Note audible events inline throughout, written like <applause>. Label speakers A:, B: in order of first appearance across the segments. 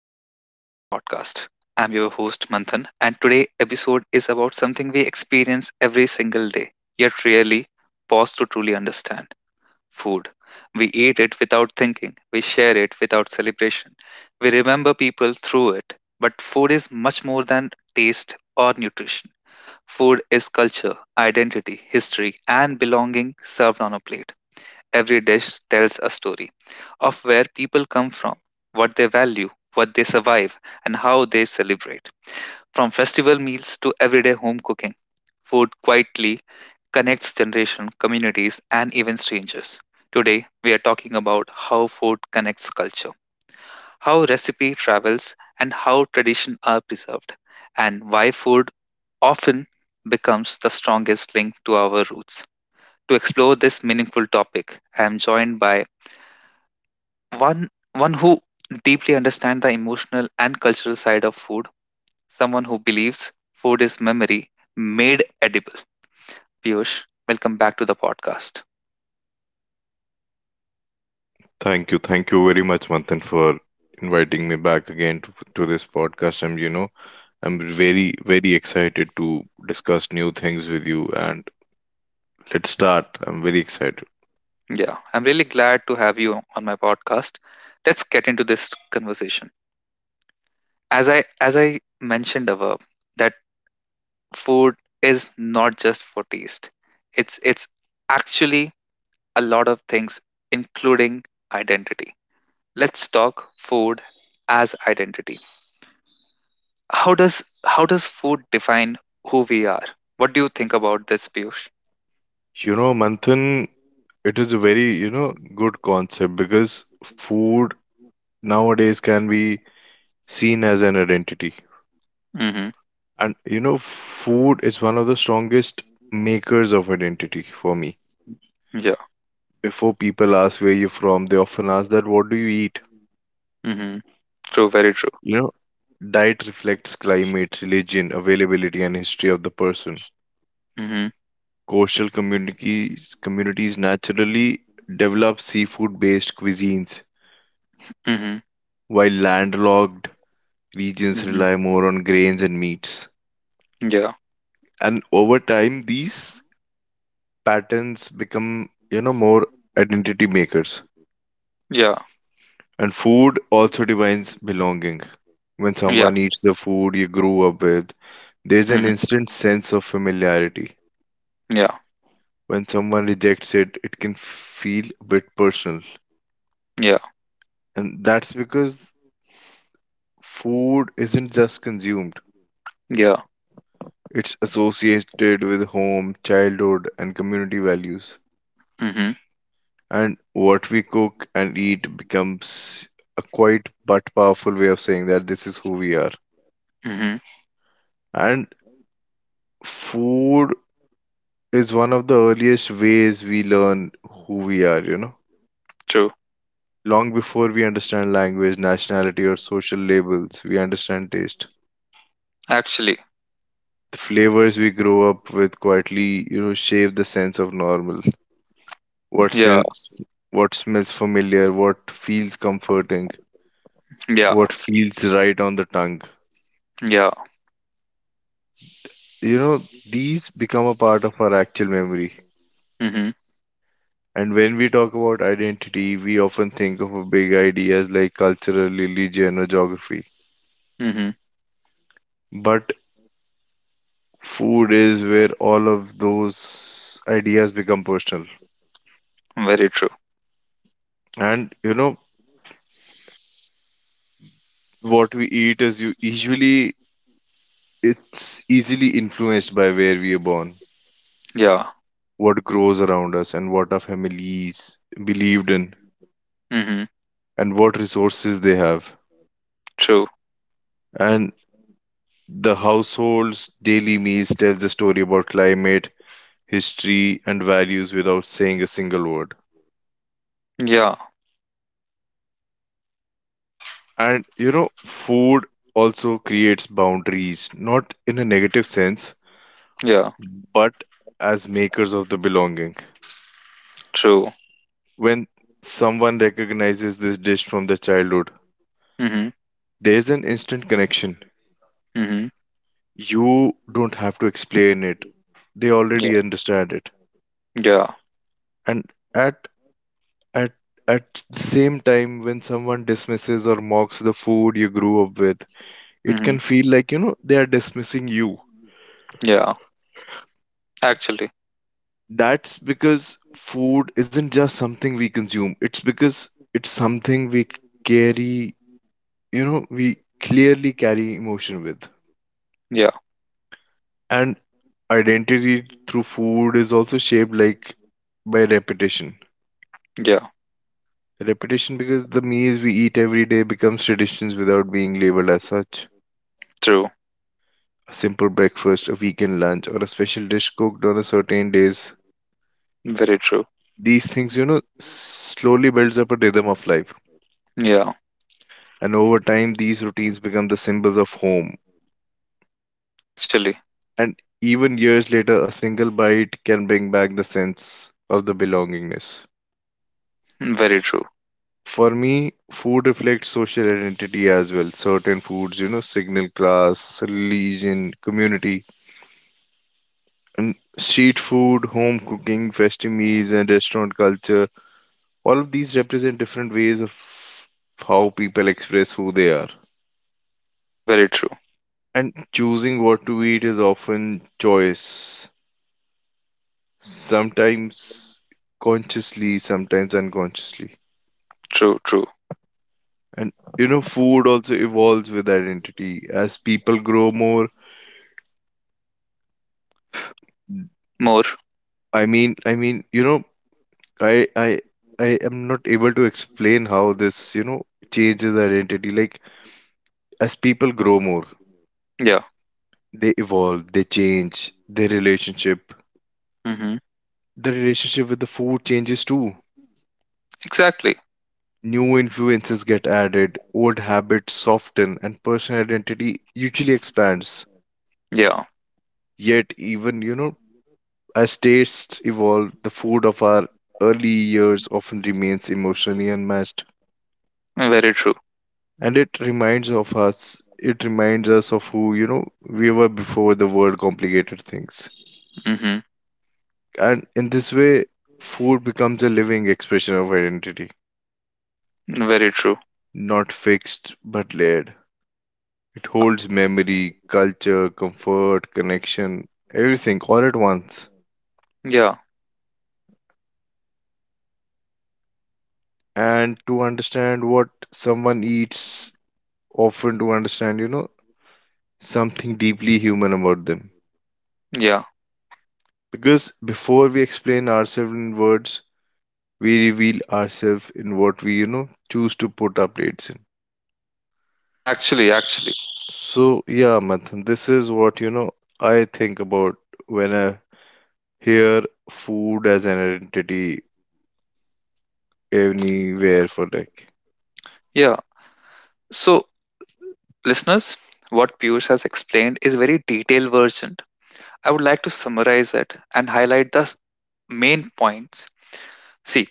A: welcome back to the podcast. I'm your host, Manthan, and today episode is about something we experience every single day, yet rarely pause to truly understand food. We eat it without thinking, we share it without celebration, we remember people through it. But food is much more than taste or nutrition. Food is culture, identity, history, and belonging served on a plate. Every dish tells a story of where people come from, what they value, what they survive, and how they celebrate. From festival meals to everyday home cooking, food quietly connects generation, communities, and even strangers. Today, we are talking about how food connects culture, how recipe travels, and how tradition are preserved, and why food often becomes the strongest link to our roots. To explore this meaningful topic, I am joined by one who deeply understands the emotional and cultural side of food, someone who believes food is memory made edible. Piyush, welcome back to the podcast.
B: Thank you. Thank you very much, Manthan, for inviting me back again to this podcast. I'm very excited to discuss new things with you. And let's start. I'm very excited.
A: Yeah, I'm really glad to have you on my podcast. Let's get into this conversation. As i as i mentioned above that food is not just for taste, it's actually a lot of things including identity. Let's talk food as identity. How does food define who we are? What do you think about this, Piyush?
B: You know, Manthan, it is a very good concept because food nowadays can be seen as an identity.
A: Mm-hmm.
B: And, you know, food is one of the strongest makers of identity for me.
A: Yeah.
B: Before people ask where you're from, they often ask that, what do you eat?
A: Mm-hmm. True, very true.
B: You know, diet reflects climate, religion, availability, and history of the person.
A: Mm-hmm.
B: Coastal communities naturally develop seafood-based cuisines,
A: Mm-hmm.
B: while landlocked regions
A: Mm-hmm.
B: rely more on grains and meats.
A: Yeah,
B: And over time, these patterns become, you know, more identity makers.
A: yeah,
B: And food also defines belonging. When
A: yeah.
B: someone eats the food you grew up with, there's an
A: Mm-hmm.
B: instant sense of familiarity.
A: Yeah,
B: When someone rejects it, it can feel a bit personal.
A: yeah,
B: And that's because food isn't just consumed,
A: yeah.
B: it's associated with home, childhood, and community values.
A: Mm-hmm.
B: And what we cook and eat becomes a quite but powerful way of saying that this is who we are.
A: Mm-hmm.
B: And food is one of the earliest ways we learn who we are, you know.
A: True.
B: Long before we understand language, nationality, or social labels, we understand taste.
A: Actually.
B: The flavors we grow up with quietly, you know, shape the sense of normal. What
A: Yeah,
B: sense, what smells familiar, what feels comforting,
A: yeah,
B: what feels right on the tongue.
A: yeah.
B: You know, these become a part of our actual memory.
A: Mm-hmm.
B: And when we talk about identity, we often think of a big ideas like cultural, religion, or geography.
A: Mm-hmm.
B: But food is where all of those ideas become personal.
A: Very true.
B: And you know, what we eat is you usually It's easily influenced by where we are born,
A: Yeah.
B: what grows around us, and what our families believed in,
A: Mm-hmm.
B: and what resources they have.
A: True.
B: And the household's daily meals tells a story about climate, history, and values without saying a single word.
A: Yeah,
B: And you know, food also creates boundaries, not in a negative sense,
A: yeah.
B: but as makers of the belonging.
A: True.
B: When someone recognizes this dish from their childhood,
A: Mm-hmm.
B: there's an instant connection.
A: Mm-hmm.
B: You don't have to explain it. They
A: Yeah,
B: already understand it.
A: yeah.
B: And at at the same time when someone dismisses or mocks the food you grew up with, it can
A: Mm-hmm.
B: feel like, you know, they are dismissing you.
A: Yeah. Actually.
B: That's because food isn't just something we consume. It's because it's something we carry, you know, we clearly carry emotion with.
A: Yeah,
B: And identity through food is also shaped like by repetition.
A: yeah.
B: Repetition because the meals we eat every day becomes traditions without being labeled as such.
A: True,
B: A simple breakfast, a weekend lunch, or a special dish cooked on a certain days.
A: very true.
B: These things, you know, slowly builds up a rhythm of life.
A: Yeah.
B: And over time, these routines become the symbols of home.
A: Actually.
B: And even years later, a single bite can bring back the sense of the belongingness.
A: Very true.
B: For me, food reflects social identity as well. Certain foods, you know, signal class, religion, community and street food, home cooking, festive meals, and restaurant culture. All of these represent different ways of how people express who they are.
A: Very true.
B: And choosing what to eat is often choice,
A: Yeah,
B: sometimes consciously, sometimes unconsciously.
A: true, true.
B: And you know, food also evolves with identity. As people grow more,
A: More.
B: I mean, you know, I, I, I am not able to explain how this, you know, changes identity. Like as people grow more,
A: Yeah.
B: they evolve, they change, their relationship,
A: Mm-hmm.
B: the relationship with the food changes too.
A: Exactly.
B: New influences get added, old habits soften, and personal identity usually expands.
A: Yeah,
B: Yet, even, you know, as tastes evolve, the food of our early years often remains emotionally unmatched.
A: very true.
B: And it reminds of us, it reminds us of who, you know, we were before the world complicated things.
A: Mm-hmm.
B: And in this way, food becomes a living expression of identity.
A: Very true.
B: Not fixed, but layered. It
A: Yeah,
B: holds memory, culture, comfort, connection, everything all at once.
A: yeah,
B: And to understand what someone eats, often to understand, you know, something deeply human about them.
A: yeah.
B: Because before we explain ourselves in words, we reveal ourselves in what we, you know, choose to put our plates in.
A: Actually, actually.
B: So, yeah, Manthan, this is what, you know, I think about when I hear food as an identity anywhere for like
A: Yeah. So, listeners, what Piyush has explained is very detailed version. I would like to summarize it and highlight the main points. See,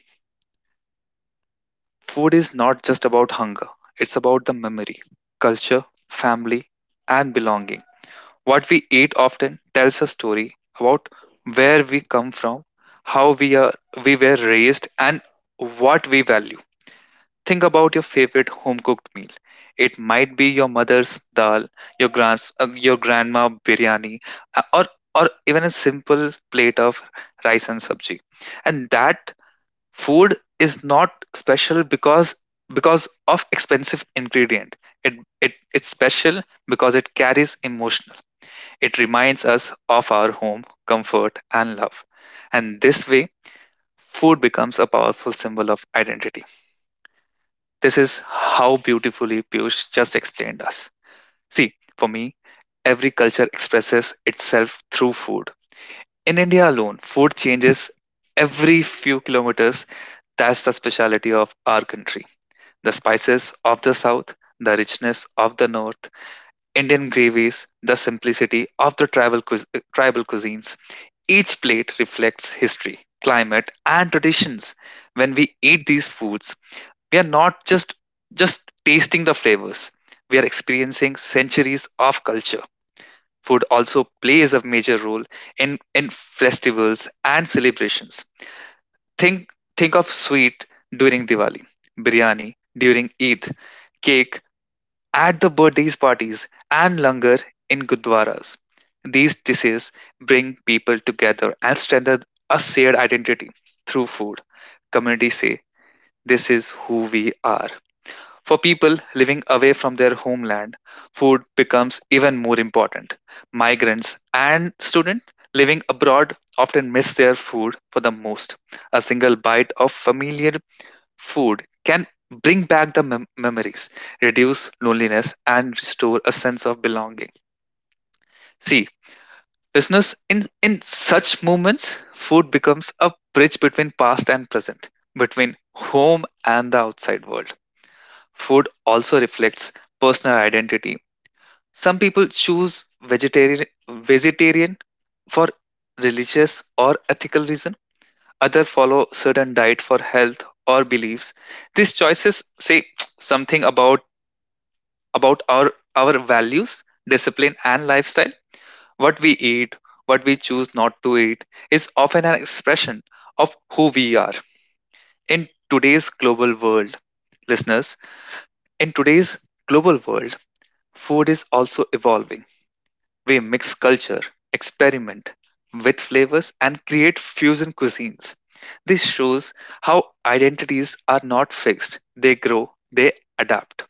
A: food is not just about hunger. It's about the memory, culture, family, and belonging. What we eat often tells a story about where we come from, how we were raised, and what we value. Think about your favorite home cooked meal. It might be your mother's dal, your grand's your grandma biryani, uh, or or even a simple plate of rice and sabji. And that food is not special because of expensive ingredient. It, it's special because it carries emotional, it reminds us of our home, comfort, and love. And this way, food becomes a powerful symbol of identity. This is how beautifully Piyush just explained us. See, for me, every culture expresses itself through food. In India alone, food changes every few kilometers. That's the speciality of our country. The spices of the south, the richness of the north, Indian gravies, the simplicity of the tribal cuisines. Each plate reflects history, climate, and traditions. When we eat these foods, we are not just tasting the flavors, we are experiencing centuries of culture. Food also plays a major role in festivals and celebrations. Think of sweet during Diwali, biryani during Eid, cake at the birthdays parties, and langar in gurdwaras. These dishes bring people together and strengthen a shared identity through food. Communities say, "This is who we are." For people living away from their homeland, food becomes even more important. Migrants and students living abroad often miss their food for the most. A single bite of familiar food can bring back the memories, reduce loneliness, and restore a sense of belonging. See, listeners, in such moments, food becomes a bridge between past and present, between home and the outside world. Food also reflects personal identity. Some people choose vegetarian for religious or ethical reason. Others follow certain diet for health or beliefs. These choices say <tsk> something about our values, discipline, and lifestyle. What we eat, what we choose not to eat, is often an expression of who we are. In today's global world, listeners, in today's global world, food is also evolving. We mix culture, experiment with flavors, and create fusion cuisines. This shows how identities are not fixed, they grow, they adapt.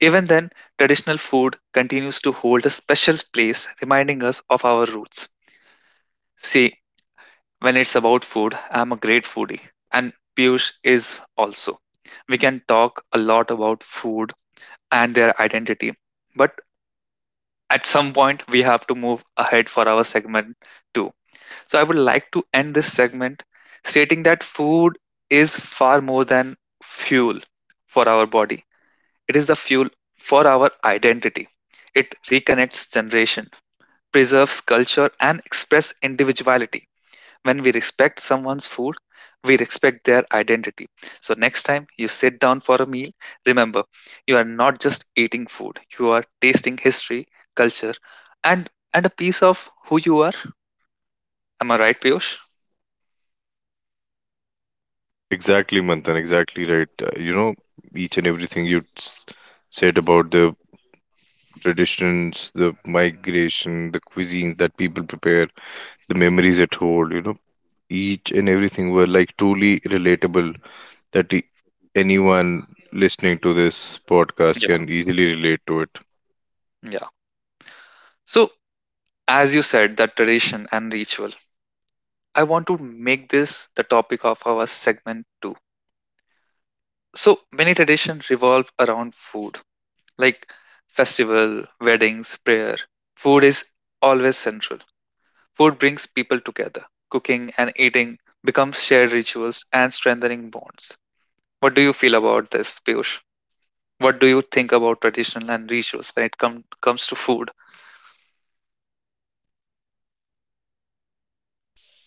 A: Even then, traditional food continues to hold a special place, reminding us of our roots. See, when it's about food, I'm a great foodie, and Piyush is also. We can talk a lot about food and their identity, but at some point we have to move ahead for our segment 2. So I would like to end this segment stating that food is far more than fuel for our body, it is the fuel for our identity. It reconnects generation, preserves culture, and express individuality. When we respect someone's food, we respect their identity. So, next time you sit down for a meal, remember you are not just eating food, you are tasting history, culture, and a piece of who you are. Am I right, Piyush?
B: Exactly, Manthan, exactly right. You know, each and everything you said about the traditions, the migration, the cuisine that people prepare, the memories it hold, you know, each and everything were like truly relatable that anyone listening to this podcast
A: Yeah,
B: can easily relate to it.
A: yeah. So, as you said, that tradition and ritual, I want to make this the topic of our segment too. So, many traditions revolve around food, like festival, weddings, prayer. Food is always central. Food brings people together. Cooking and eating becomes shared rituals and strengthening bonds. What do you feel about this, Piyush? What do you think about traditional and rituals when it comes to food?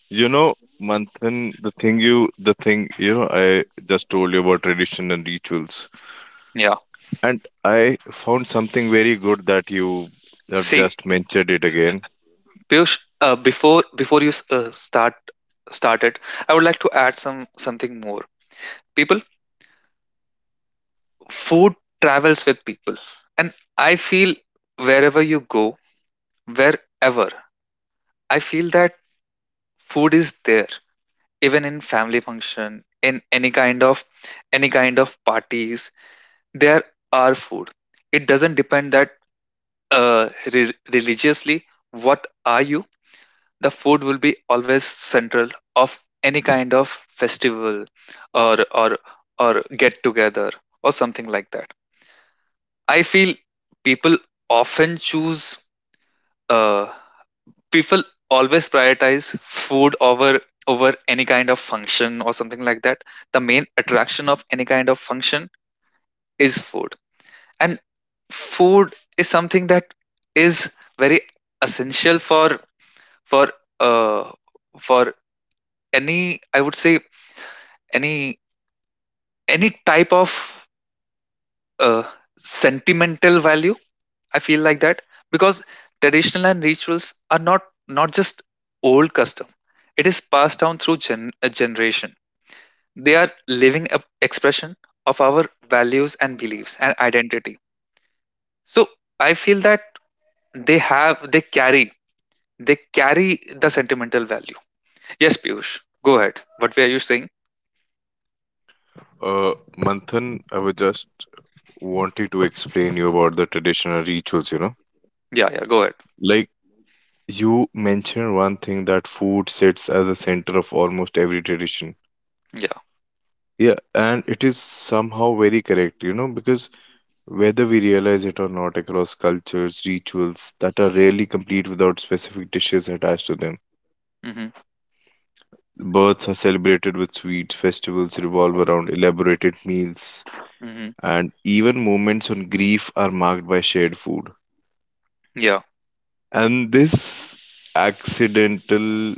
B: You know, Manthan, the thing, you know, I just told you about tradition and rituals.
A: Yeah.
B: And I found something very good that you have
A: See,
B: just mentioned it again.
A: Piyush, before you start started, I would like to add something more. People, food travels with people, and I feel wherever you go, wherever, I feel that food is there even in family function, in any kind of parties there are food. It doesn't depend that religiously what are you, the food will be always central of any kind of festival or or or get together or something like that. I feel people often choose uh, people always prioritize food over any kind of function or something like that. The main attraction of any kind of function is food, and food is something that is very essential for uh for any, I would say any type of uh sentimental value, I feel like that. Because traditional and rituals are not just old custom, it is passed down through a generation. They are living a expression of our values and beliefs and identity. So I feel that they have, they carry, they carry the sentimental value. Yes, Piyush, go ahead. What were you saying?
B: Manthan, I was just wanting to explain you about the traditional rituals, you know.
A: Yeah, yeah, go ahead.
B: Like you mentioned one thing that food sits as the center of almost every tradition.
A: Yeah.
B: Yeah, and it is somehow very correct, you know, because whether we realize it or not, across cultures, rituals that are rarely complete without specific dishes attached to them.
A: Mm-hmm.
B: Births are celebrated with sweets, festivals revolve around elaborated meals,
A: Mm-hmm.
B: and even moments on grief are marked by shared food.
A: Yeah.
B: And this accidental,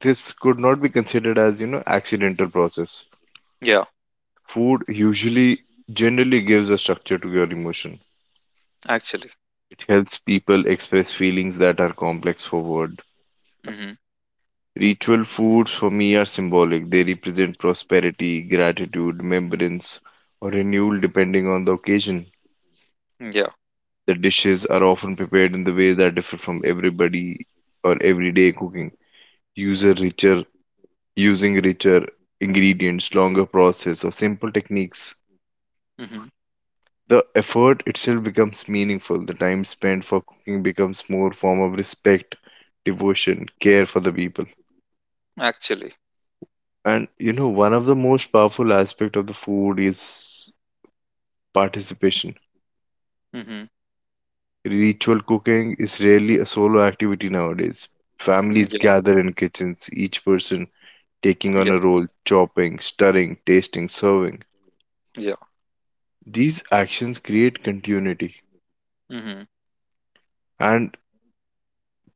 B: this could not be considered as, you know, accidental process.
A: Yeah.
B: Food usually generally gives a structure to your emotion.
A: Actually.
B: It helps people express feelings that are complex for word.
A: Mm-hmm.
B: Ritual foods for me are symbolic. They represent prosperity, gratitude, remembrance, or renewal depending on the occasion.
A: Yeah.
B: The dishes are often prepared in the ways that differ from everybody or everyday cooking. User richer, using richer ingredients, longer process, or simple techniques.
A: Mm-hmm.
B: The effort itself becomes meaningful. The time spent for cooking becomes more form of respect, devotion, care for the people.
A: Actually.
B: And you know, one of the most powerful aspect of the food is participation.
A: Mm-hmm.
B: Ritual cooking is rarely a solo activity nowadays. Families
A: Yeah.
B: gather in kitchens, each person taking
A: Yeah.
B: on a role, chopping, stirring, tasting, serving.
A: Yeah.
B: These actions create continuity,
A: Mm-hmm.
B: and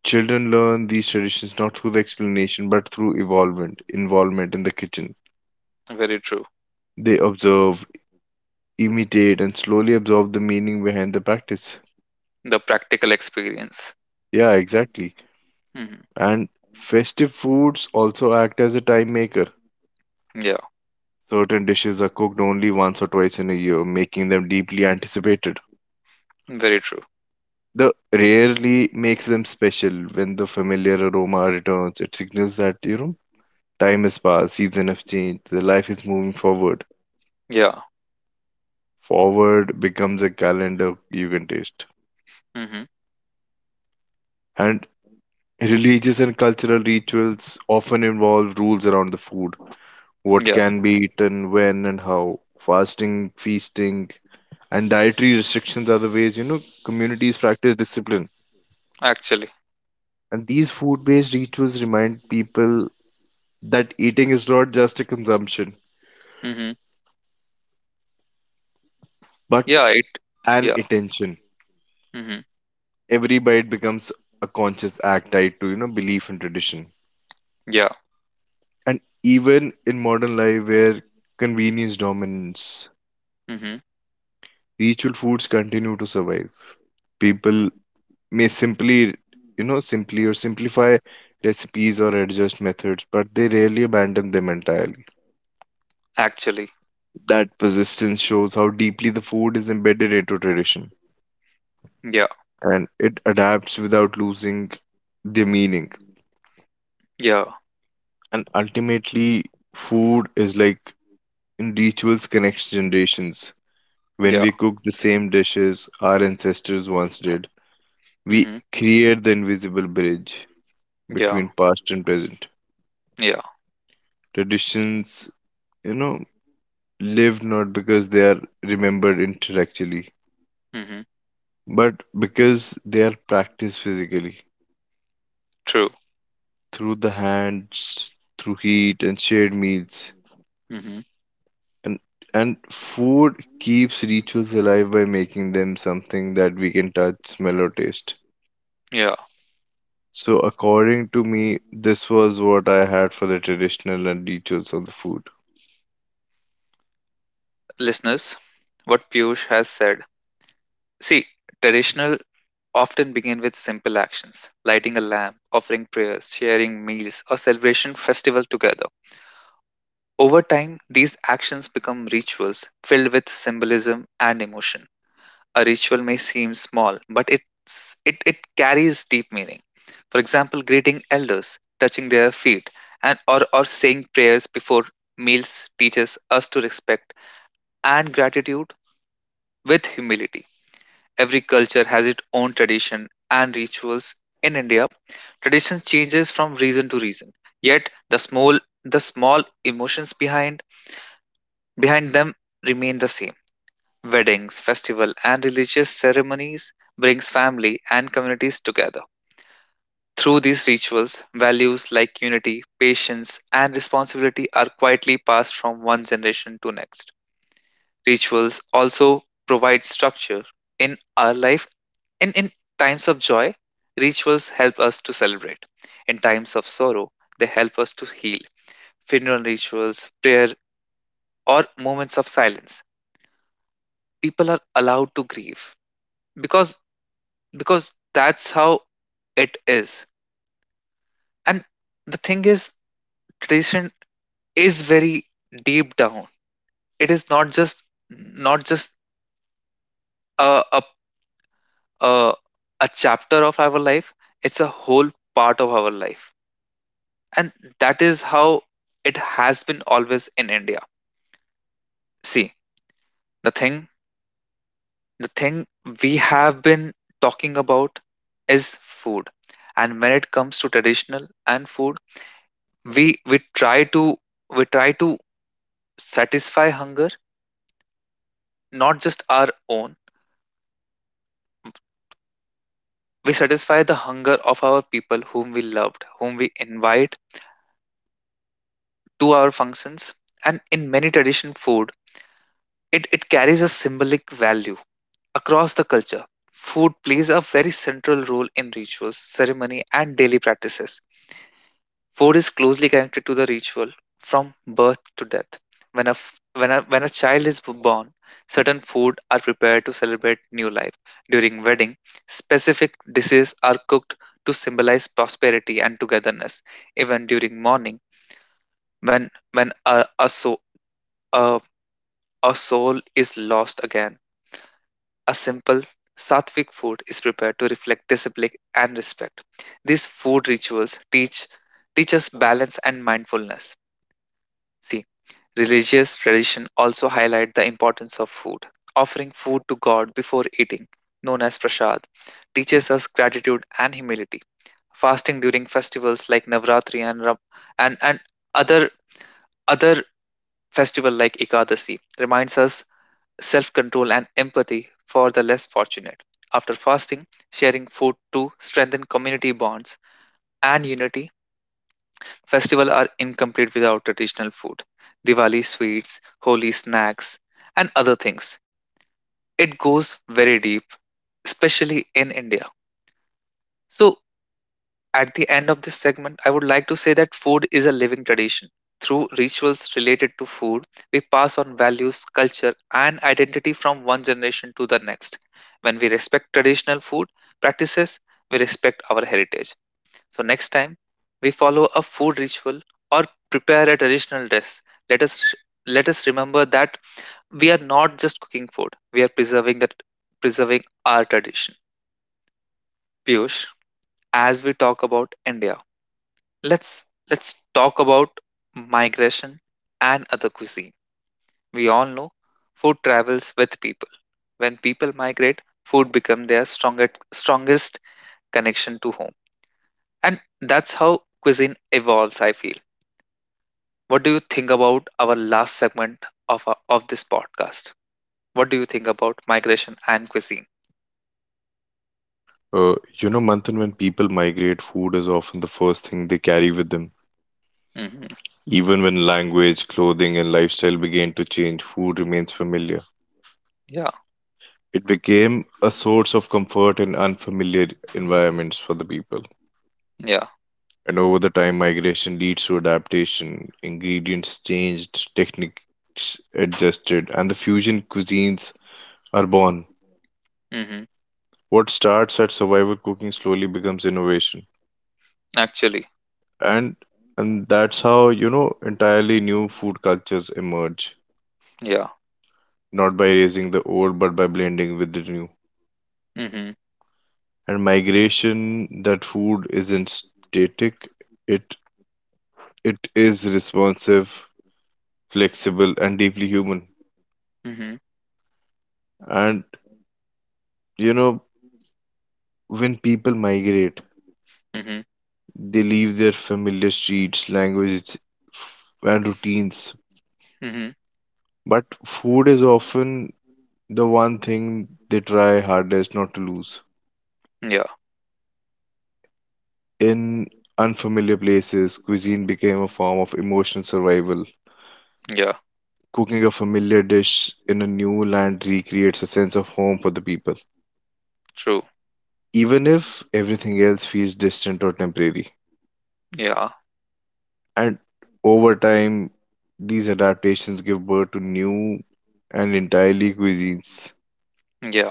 B: children learn these traditions not through the explanation but through evolvement, involvement in the kitchen.
A: Very true.
B: They observe, imitate, and slowly absorb the meaning behind the practice.
A: The practical experience.
B: Yeah, exactly.
A: Mm-hmm.
B: And festive foods also act as a time maker.
A: Yeah.
B: Certain dishes are cooked only once or twice in a year, making them deeply anticipated.
A: Very true.
B: The rarely makes them special when the familiar aroma returns. It signals that, you know, time has passed, season have changed, the life is moving forward.
A: Yeah.
B: Forward becomes a calendar you can taste.
A: Mm-hmm.
B: And religious and cultural rituals often involve rules around the food, what
A: Yeah.
B: can be eaten, when and how, fasting, feasting, and dietary restrictions are the ways, you know, communities practice discipline.
A: Actually.
B: And these food-based rituals remind people that eating is not just a consumption,
A: Mm-hmm.
B: but
A: Yeah, it.
B: an
A: Yeah.
B: intention.
A: Mm-hmm.
B: Every bite becomes a conscious act tied to, you know, belief and tradition.
A: Yeah.
B: And even in modern life where convenience dominates,
A: Mm-hmm.
B: ritual foods continue to survive. People may simply, you know, simply or simplify recipes or adjust methods, but they rarely abandon them entirely.
A: Actually.
B: That persistence shows how deeply the food is embedded into tradition
A: Yeah.
B: and it adapts without losing their meaning.
A: Yeah.
B: And ultimately, food is like rituals connect generations. When
A: Yeah.
B: we cook the same dishes our ancestors once did, we
A: Mm-hmm.
B: create the invisible bridge
A: Yeah.
B: between past and present.
A: Yeah.
B: Traditions, you know, live not because they are remembered intellectually,
A: Mm-hmm.
B: but because they are practiced physically
A: True.
B: through the hands, through heat and shared meals.
A: Mm-hmm.
B: And and food keeps rituals alive by making them something that we can touch, smell, or taste.
A: Yeah.
B: So according to me, this was what I had for the traditional and rituals of the food.
A: Listeners, what Piyush has said. See, traditional often begin with simple actions: lighting a lamp, offering prayers, sharing meals, or celebration festival together. Over time, these actions become rituals filled with symbolism and emotion. A ritual may seem small, but it carries deep meaning. For example, greeting elders, touching their feet, and or saying prayers before meals teaches us to respect and gratitude with humility. Every culture has its own tradition and rituals. In India, tradition changes from reason to reason. Yet the small emotions behind them remain the same. Weddings, festival, and religious ceremonies brings family and communities together. Through these rituals, values like unity, patience, and responsibility are quietly passed from one generation to next. Rituals also provide structure in our life. In times of joy, rituals help us to celebrate. In times of sorrow, they help us to heal. Funeral rituals, prayer, or moments of silence. People are allowed to grieve because because that's how it is. And the thing is, tradition is very deep down. It is not just a a a, a chapter of our life. It's a whole part of our life, and that is how it has been always in India. See, the thing the thing we have been talking about is food, and when it comes to traditional and food, we we try to we try to satisfy hunger, not just our own. We satisfy the hunger of our people whom we loved, whom we invite to our functions. And in many tradition food, it carries a symbolic value across the culture. Food plays a very central role in rituals, ceremony, and daily practices. Food is closely connected to the ritual from birth to death. When a, f- when a child is born, certain food are prepared to celebrate new life. During wedding, specific dishes are cooked to symbolize prosperity and togetherness. Even during mourning, when a, a soul is lost again, a simple sattvic food is prepared to reflect discipline and respect. These food rituals teach us balance and mindfulness. See, religious tradition also highlight the importance of food. Offering food to God before eating, known as prasad, teaches us gratitude and humility. Fasting during festivals like Navratri and and, and other other festival like Ekadasi reminds us self-control and empathy for the less fortunate. After fasting, sharing food to strengthen community bonds and unity. Festivals are incomplete without traditional food. Diwali sweets, Holi snacks, and other things. It goes very deep, especially in India. So, at the end of this segment, I would like to say that food is a living tradition. Through rituals related to food, we pass on values, culture, and identity from one generation to the next. When we respect traditional food practices, we respect our heritage. So next time we follow a food ritual or prepare a traditional dish, let us let us remember that we are not just cooking food; we are preserving our tradition. Piyush, as we talk about India, let's let's talk about migration and other cuisine. We all know food travels with people. When people migrate, food becomes their strongest connection to home, and that's how cuisine evolves. I feel, what do you think about our last segment of of this podcast? What do you think about migration and cuisine?
B: You know, Manthan, when people migrate, food is often the first thing they carry with them.
A: Mm-hmm.
B: Even when language, clothing, and lifestyle began to change, food remains familiar.
A: Yeah,
B: It became a source of comfort in unfamiliar environments for the people.
A: yeah.
B: And over the time, migration leads to adaptation. Ingredients changed, techniques adjusted, and the fusion cuisines are born.
A: Mm-hmm.
B: What starts at survival cooking slowly becomes innovation,
A: Actually,
B: and and that's how you know entirely new food cultures emerge,
A: yeah.
B: not by raising the old but by blending with the new.
A: Mm-hmm.
B: And migration that food isn't static, it it is responsive, flexible and deeply human.
A: Mm-hmm.
B: And you know, when people migrate,
A: Mm-hmm.
B: they leave their familiar streets, languages, and routines,
A: Mm-hmm.
B: but food is often the one thing they try hardest not to lose.
A: Yeah,
B: In unfamiliar places, cuisine became a form of emotional survival.
A: yeah.
B: Cooking a familiar dish in a new land recreates a sense of home for the people,
A: True.
B: even if everything else feels distant or temporary.
A: Yeah,
B: And over time, these adaptations give birth to new and entirely cuisines.
A: yeah.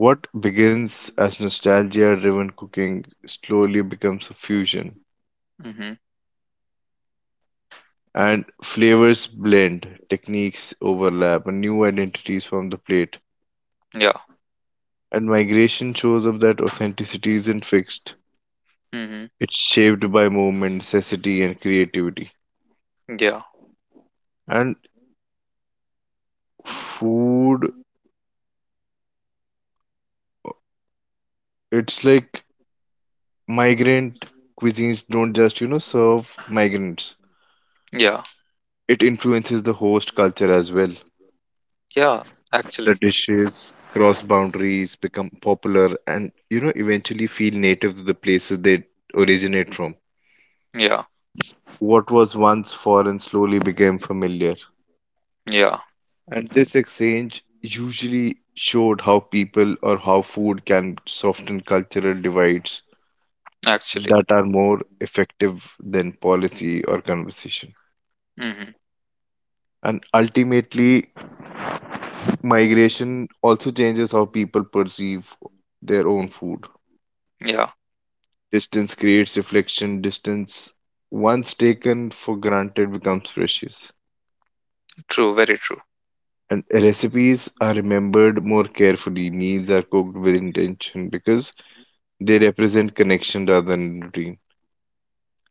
B: What begins as nostalgia driven cooking slowly becomes a fusion
A: Mm-hmm.
B: and flavors blend, techniques overlap, and new identities form the plate.
A: Yeah.
B: And migration shows up that authenticity isn't fixed,
A: Mm-hmm.
B: it's shaped by movement, necessity, and creativity.
A: Yeah,
B: And food, it's like migrant cuisines don't just, you know, serve migrants.
A: yeah,
B: It influences the host culture as well.
A: yeah. Actually,
B: The dishes cross boundaries, become popular, and you know, eventually feel native to the places they originate from.
A: yeah,
B: What was once foreign slowly became familiar.
A: yeah.
B: And this exchange usually showed how people or how food can soften cultural divides
A: Actually,
B: that are more effective than policy or conversation.
A: mm-hmm.
B: And ultimately, migration also changes how people perceive their own food.
A: Yeah.
B: Distance creates reflection, distance once taken for granted becomes precious.
A: True. Very true.
B: And recipes are remembered more carefully. Meals are cooked with intention because they represent connection rather than routine.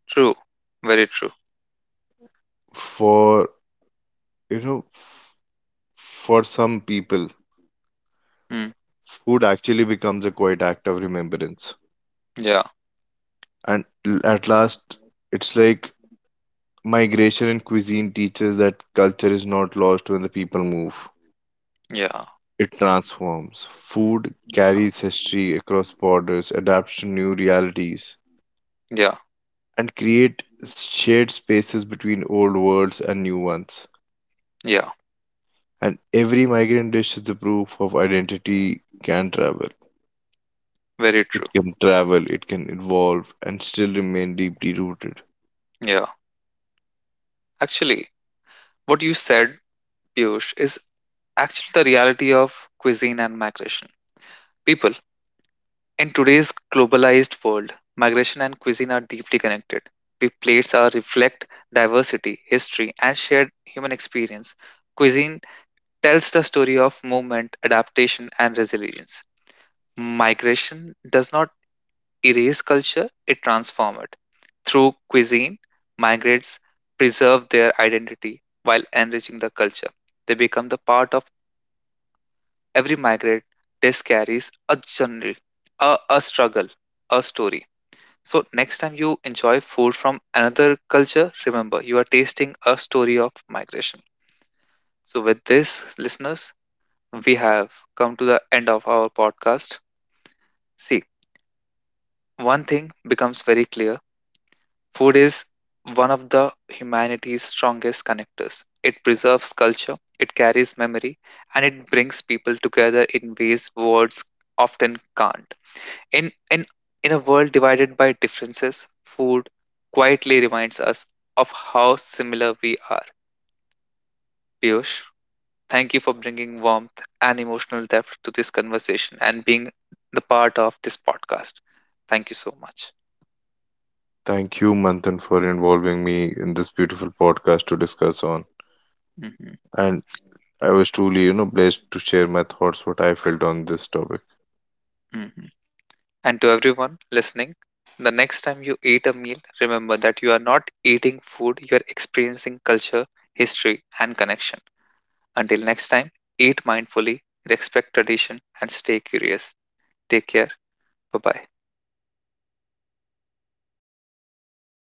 A: True. Very true.
B: For, you know, for some people,
A: Mm.
B: food actually becomes a quiet act of remembrance.
A: Yeah,
B: And at last, it's like migration and cuisine teaches that culture is not lost when the people move.
A: yeah,
B: It transforms. Food carries history across borders, adapts to new realities,
A: yeah,
B: and create shared spaces between old worlds and new ones.
A: yeah.
B: And every migrant dish is the proof of identity can travel.
A: Very true.
B: It can travel, it can evolve, and still remain deeply rooted.
A: Yeah. Actually, what you said, Piyush, is actually the reality of cuisine and migration. People, in today's globalized world, migration and cuisine are deeply connected. We plates are reflect diversity, history, and shared human experience. Cuisine tells the story of movement, adaptation, and resilience. Migration does not erase culture, it transforms it. Through cuisine, migrants preserve their identity while enriching the culture. They become the part of every migrant test carries a journey, a struggle, a story. So next time you enjoy food from another culture, remember you are tasting a story of migration. So with this, listeners, we have come to the end of our podcast. See, one thing becomes very clear. Food is one of the humanity's strongest connectors. It preserves culture, it carries memory, and it brings people together in ways words often can't. In, in, in a world divided by differences, food quietly reminds us of how similar we are. Piyush, thank you for bringing warmth and emotional depth to this conversation and being the part of this podcast. Thank you so much.
B: Thank you, Manthan, for involving me in this beautiful podcast to discuss on.
A: Mhm,
B: And I was truly, you know, blessed to share my thoughts, what I felt on this topic.
A: mhm. And to everyone listening, the next time you eat a meal, remember that you are not eating food, you are experiencing culture, history, and connection. Until next time, eat mindfully, respect tradition, and stay curious. Take care. Bye bye.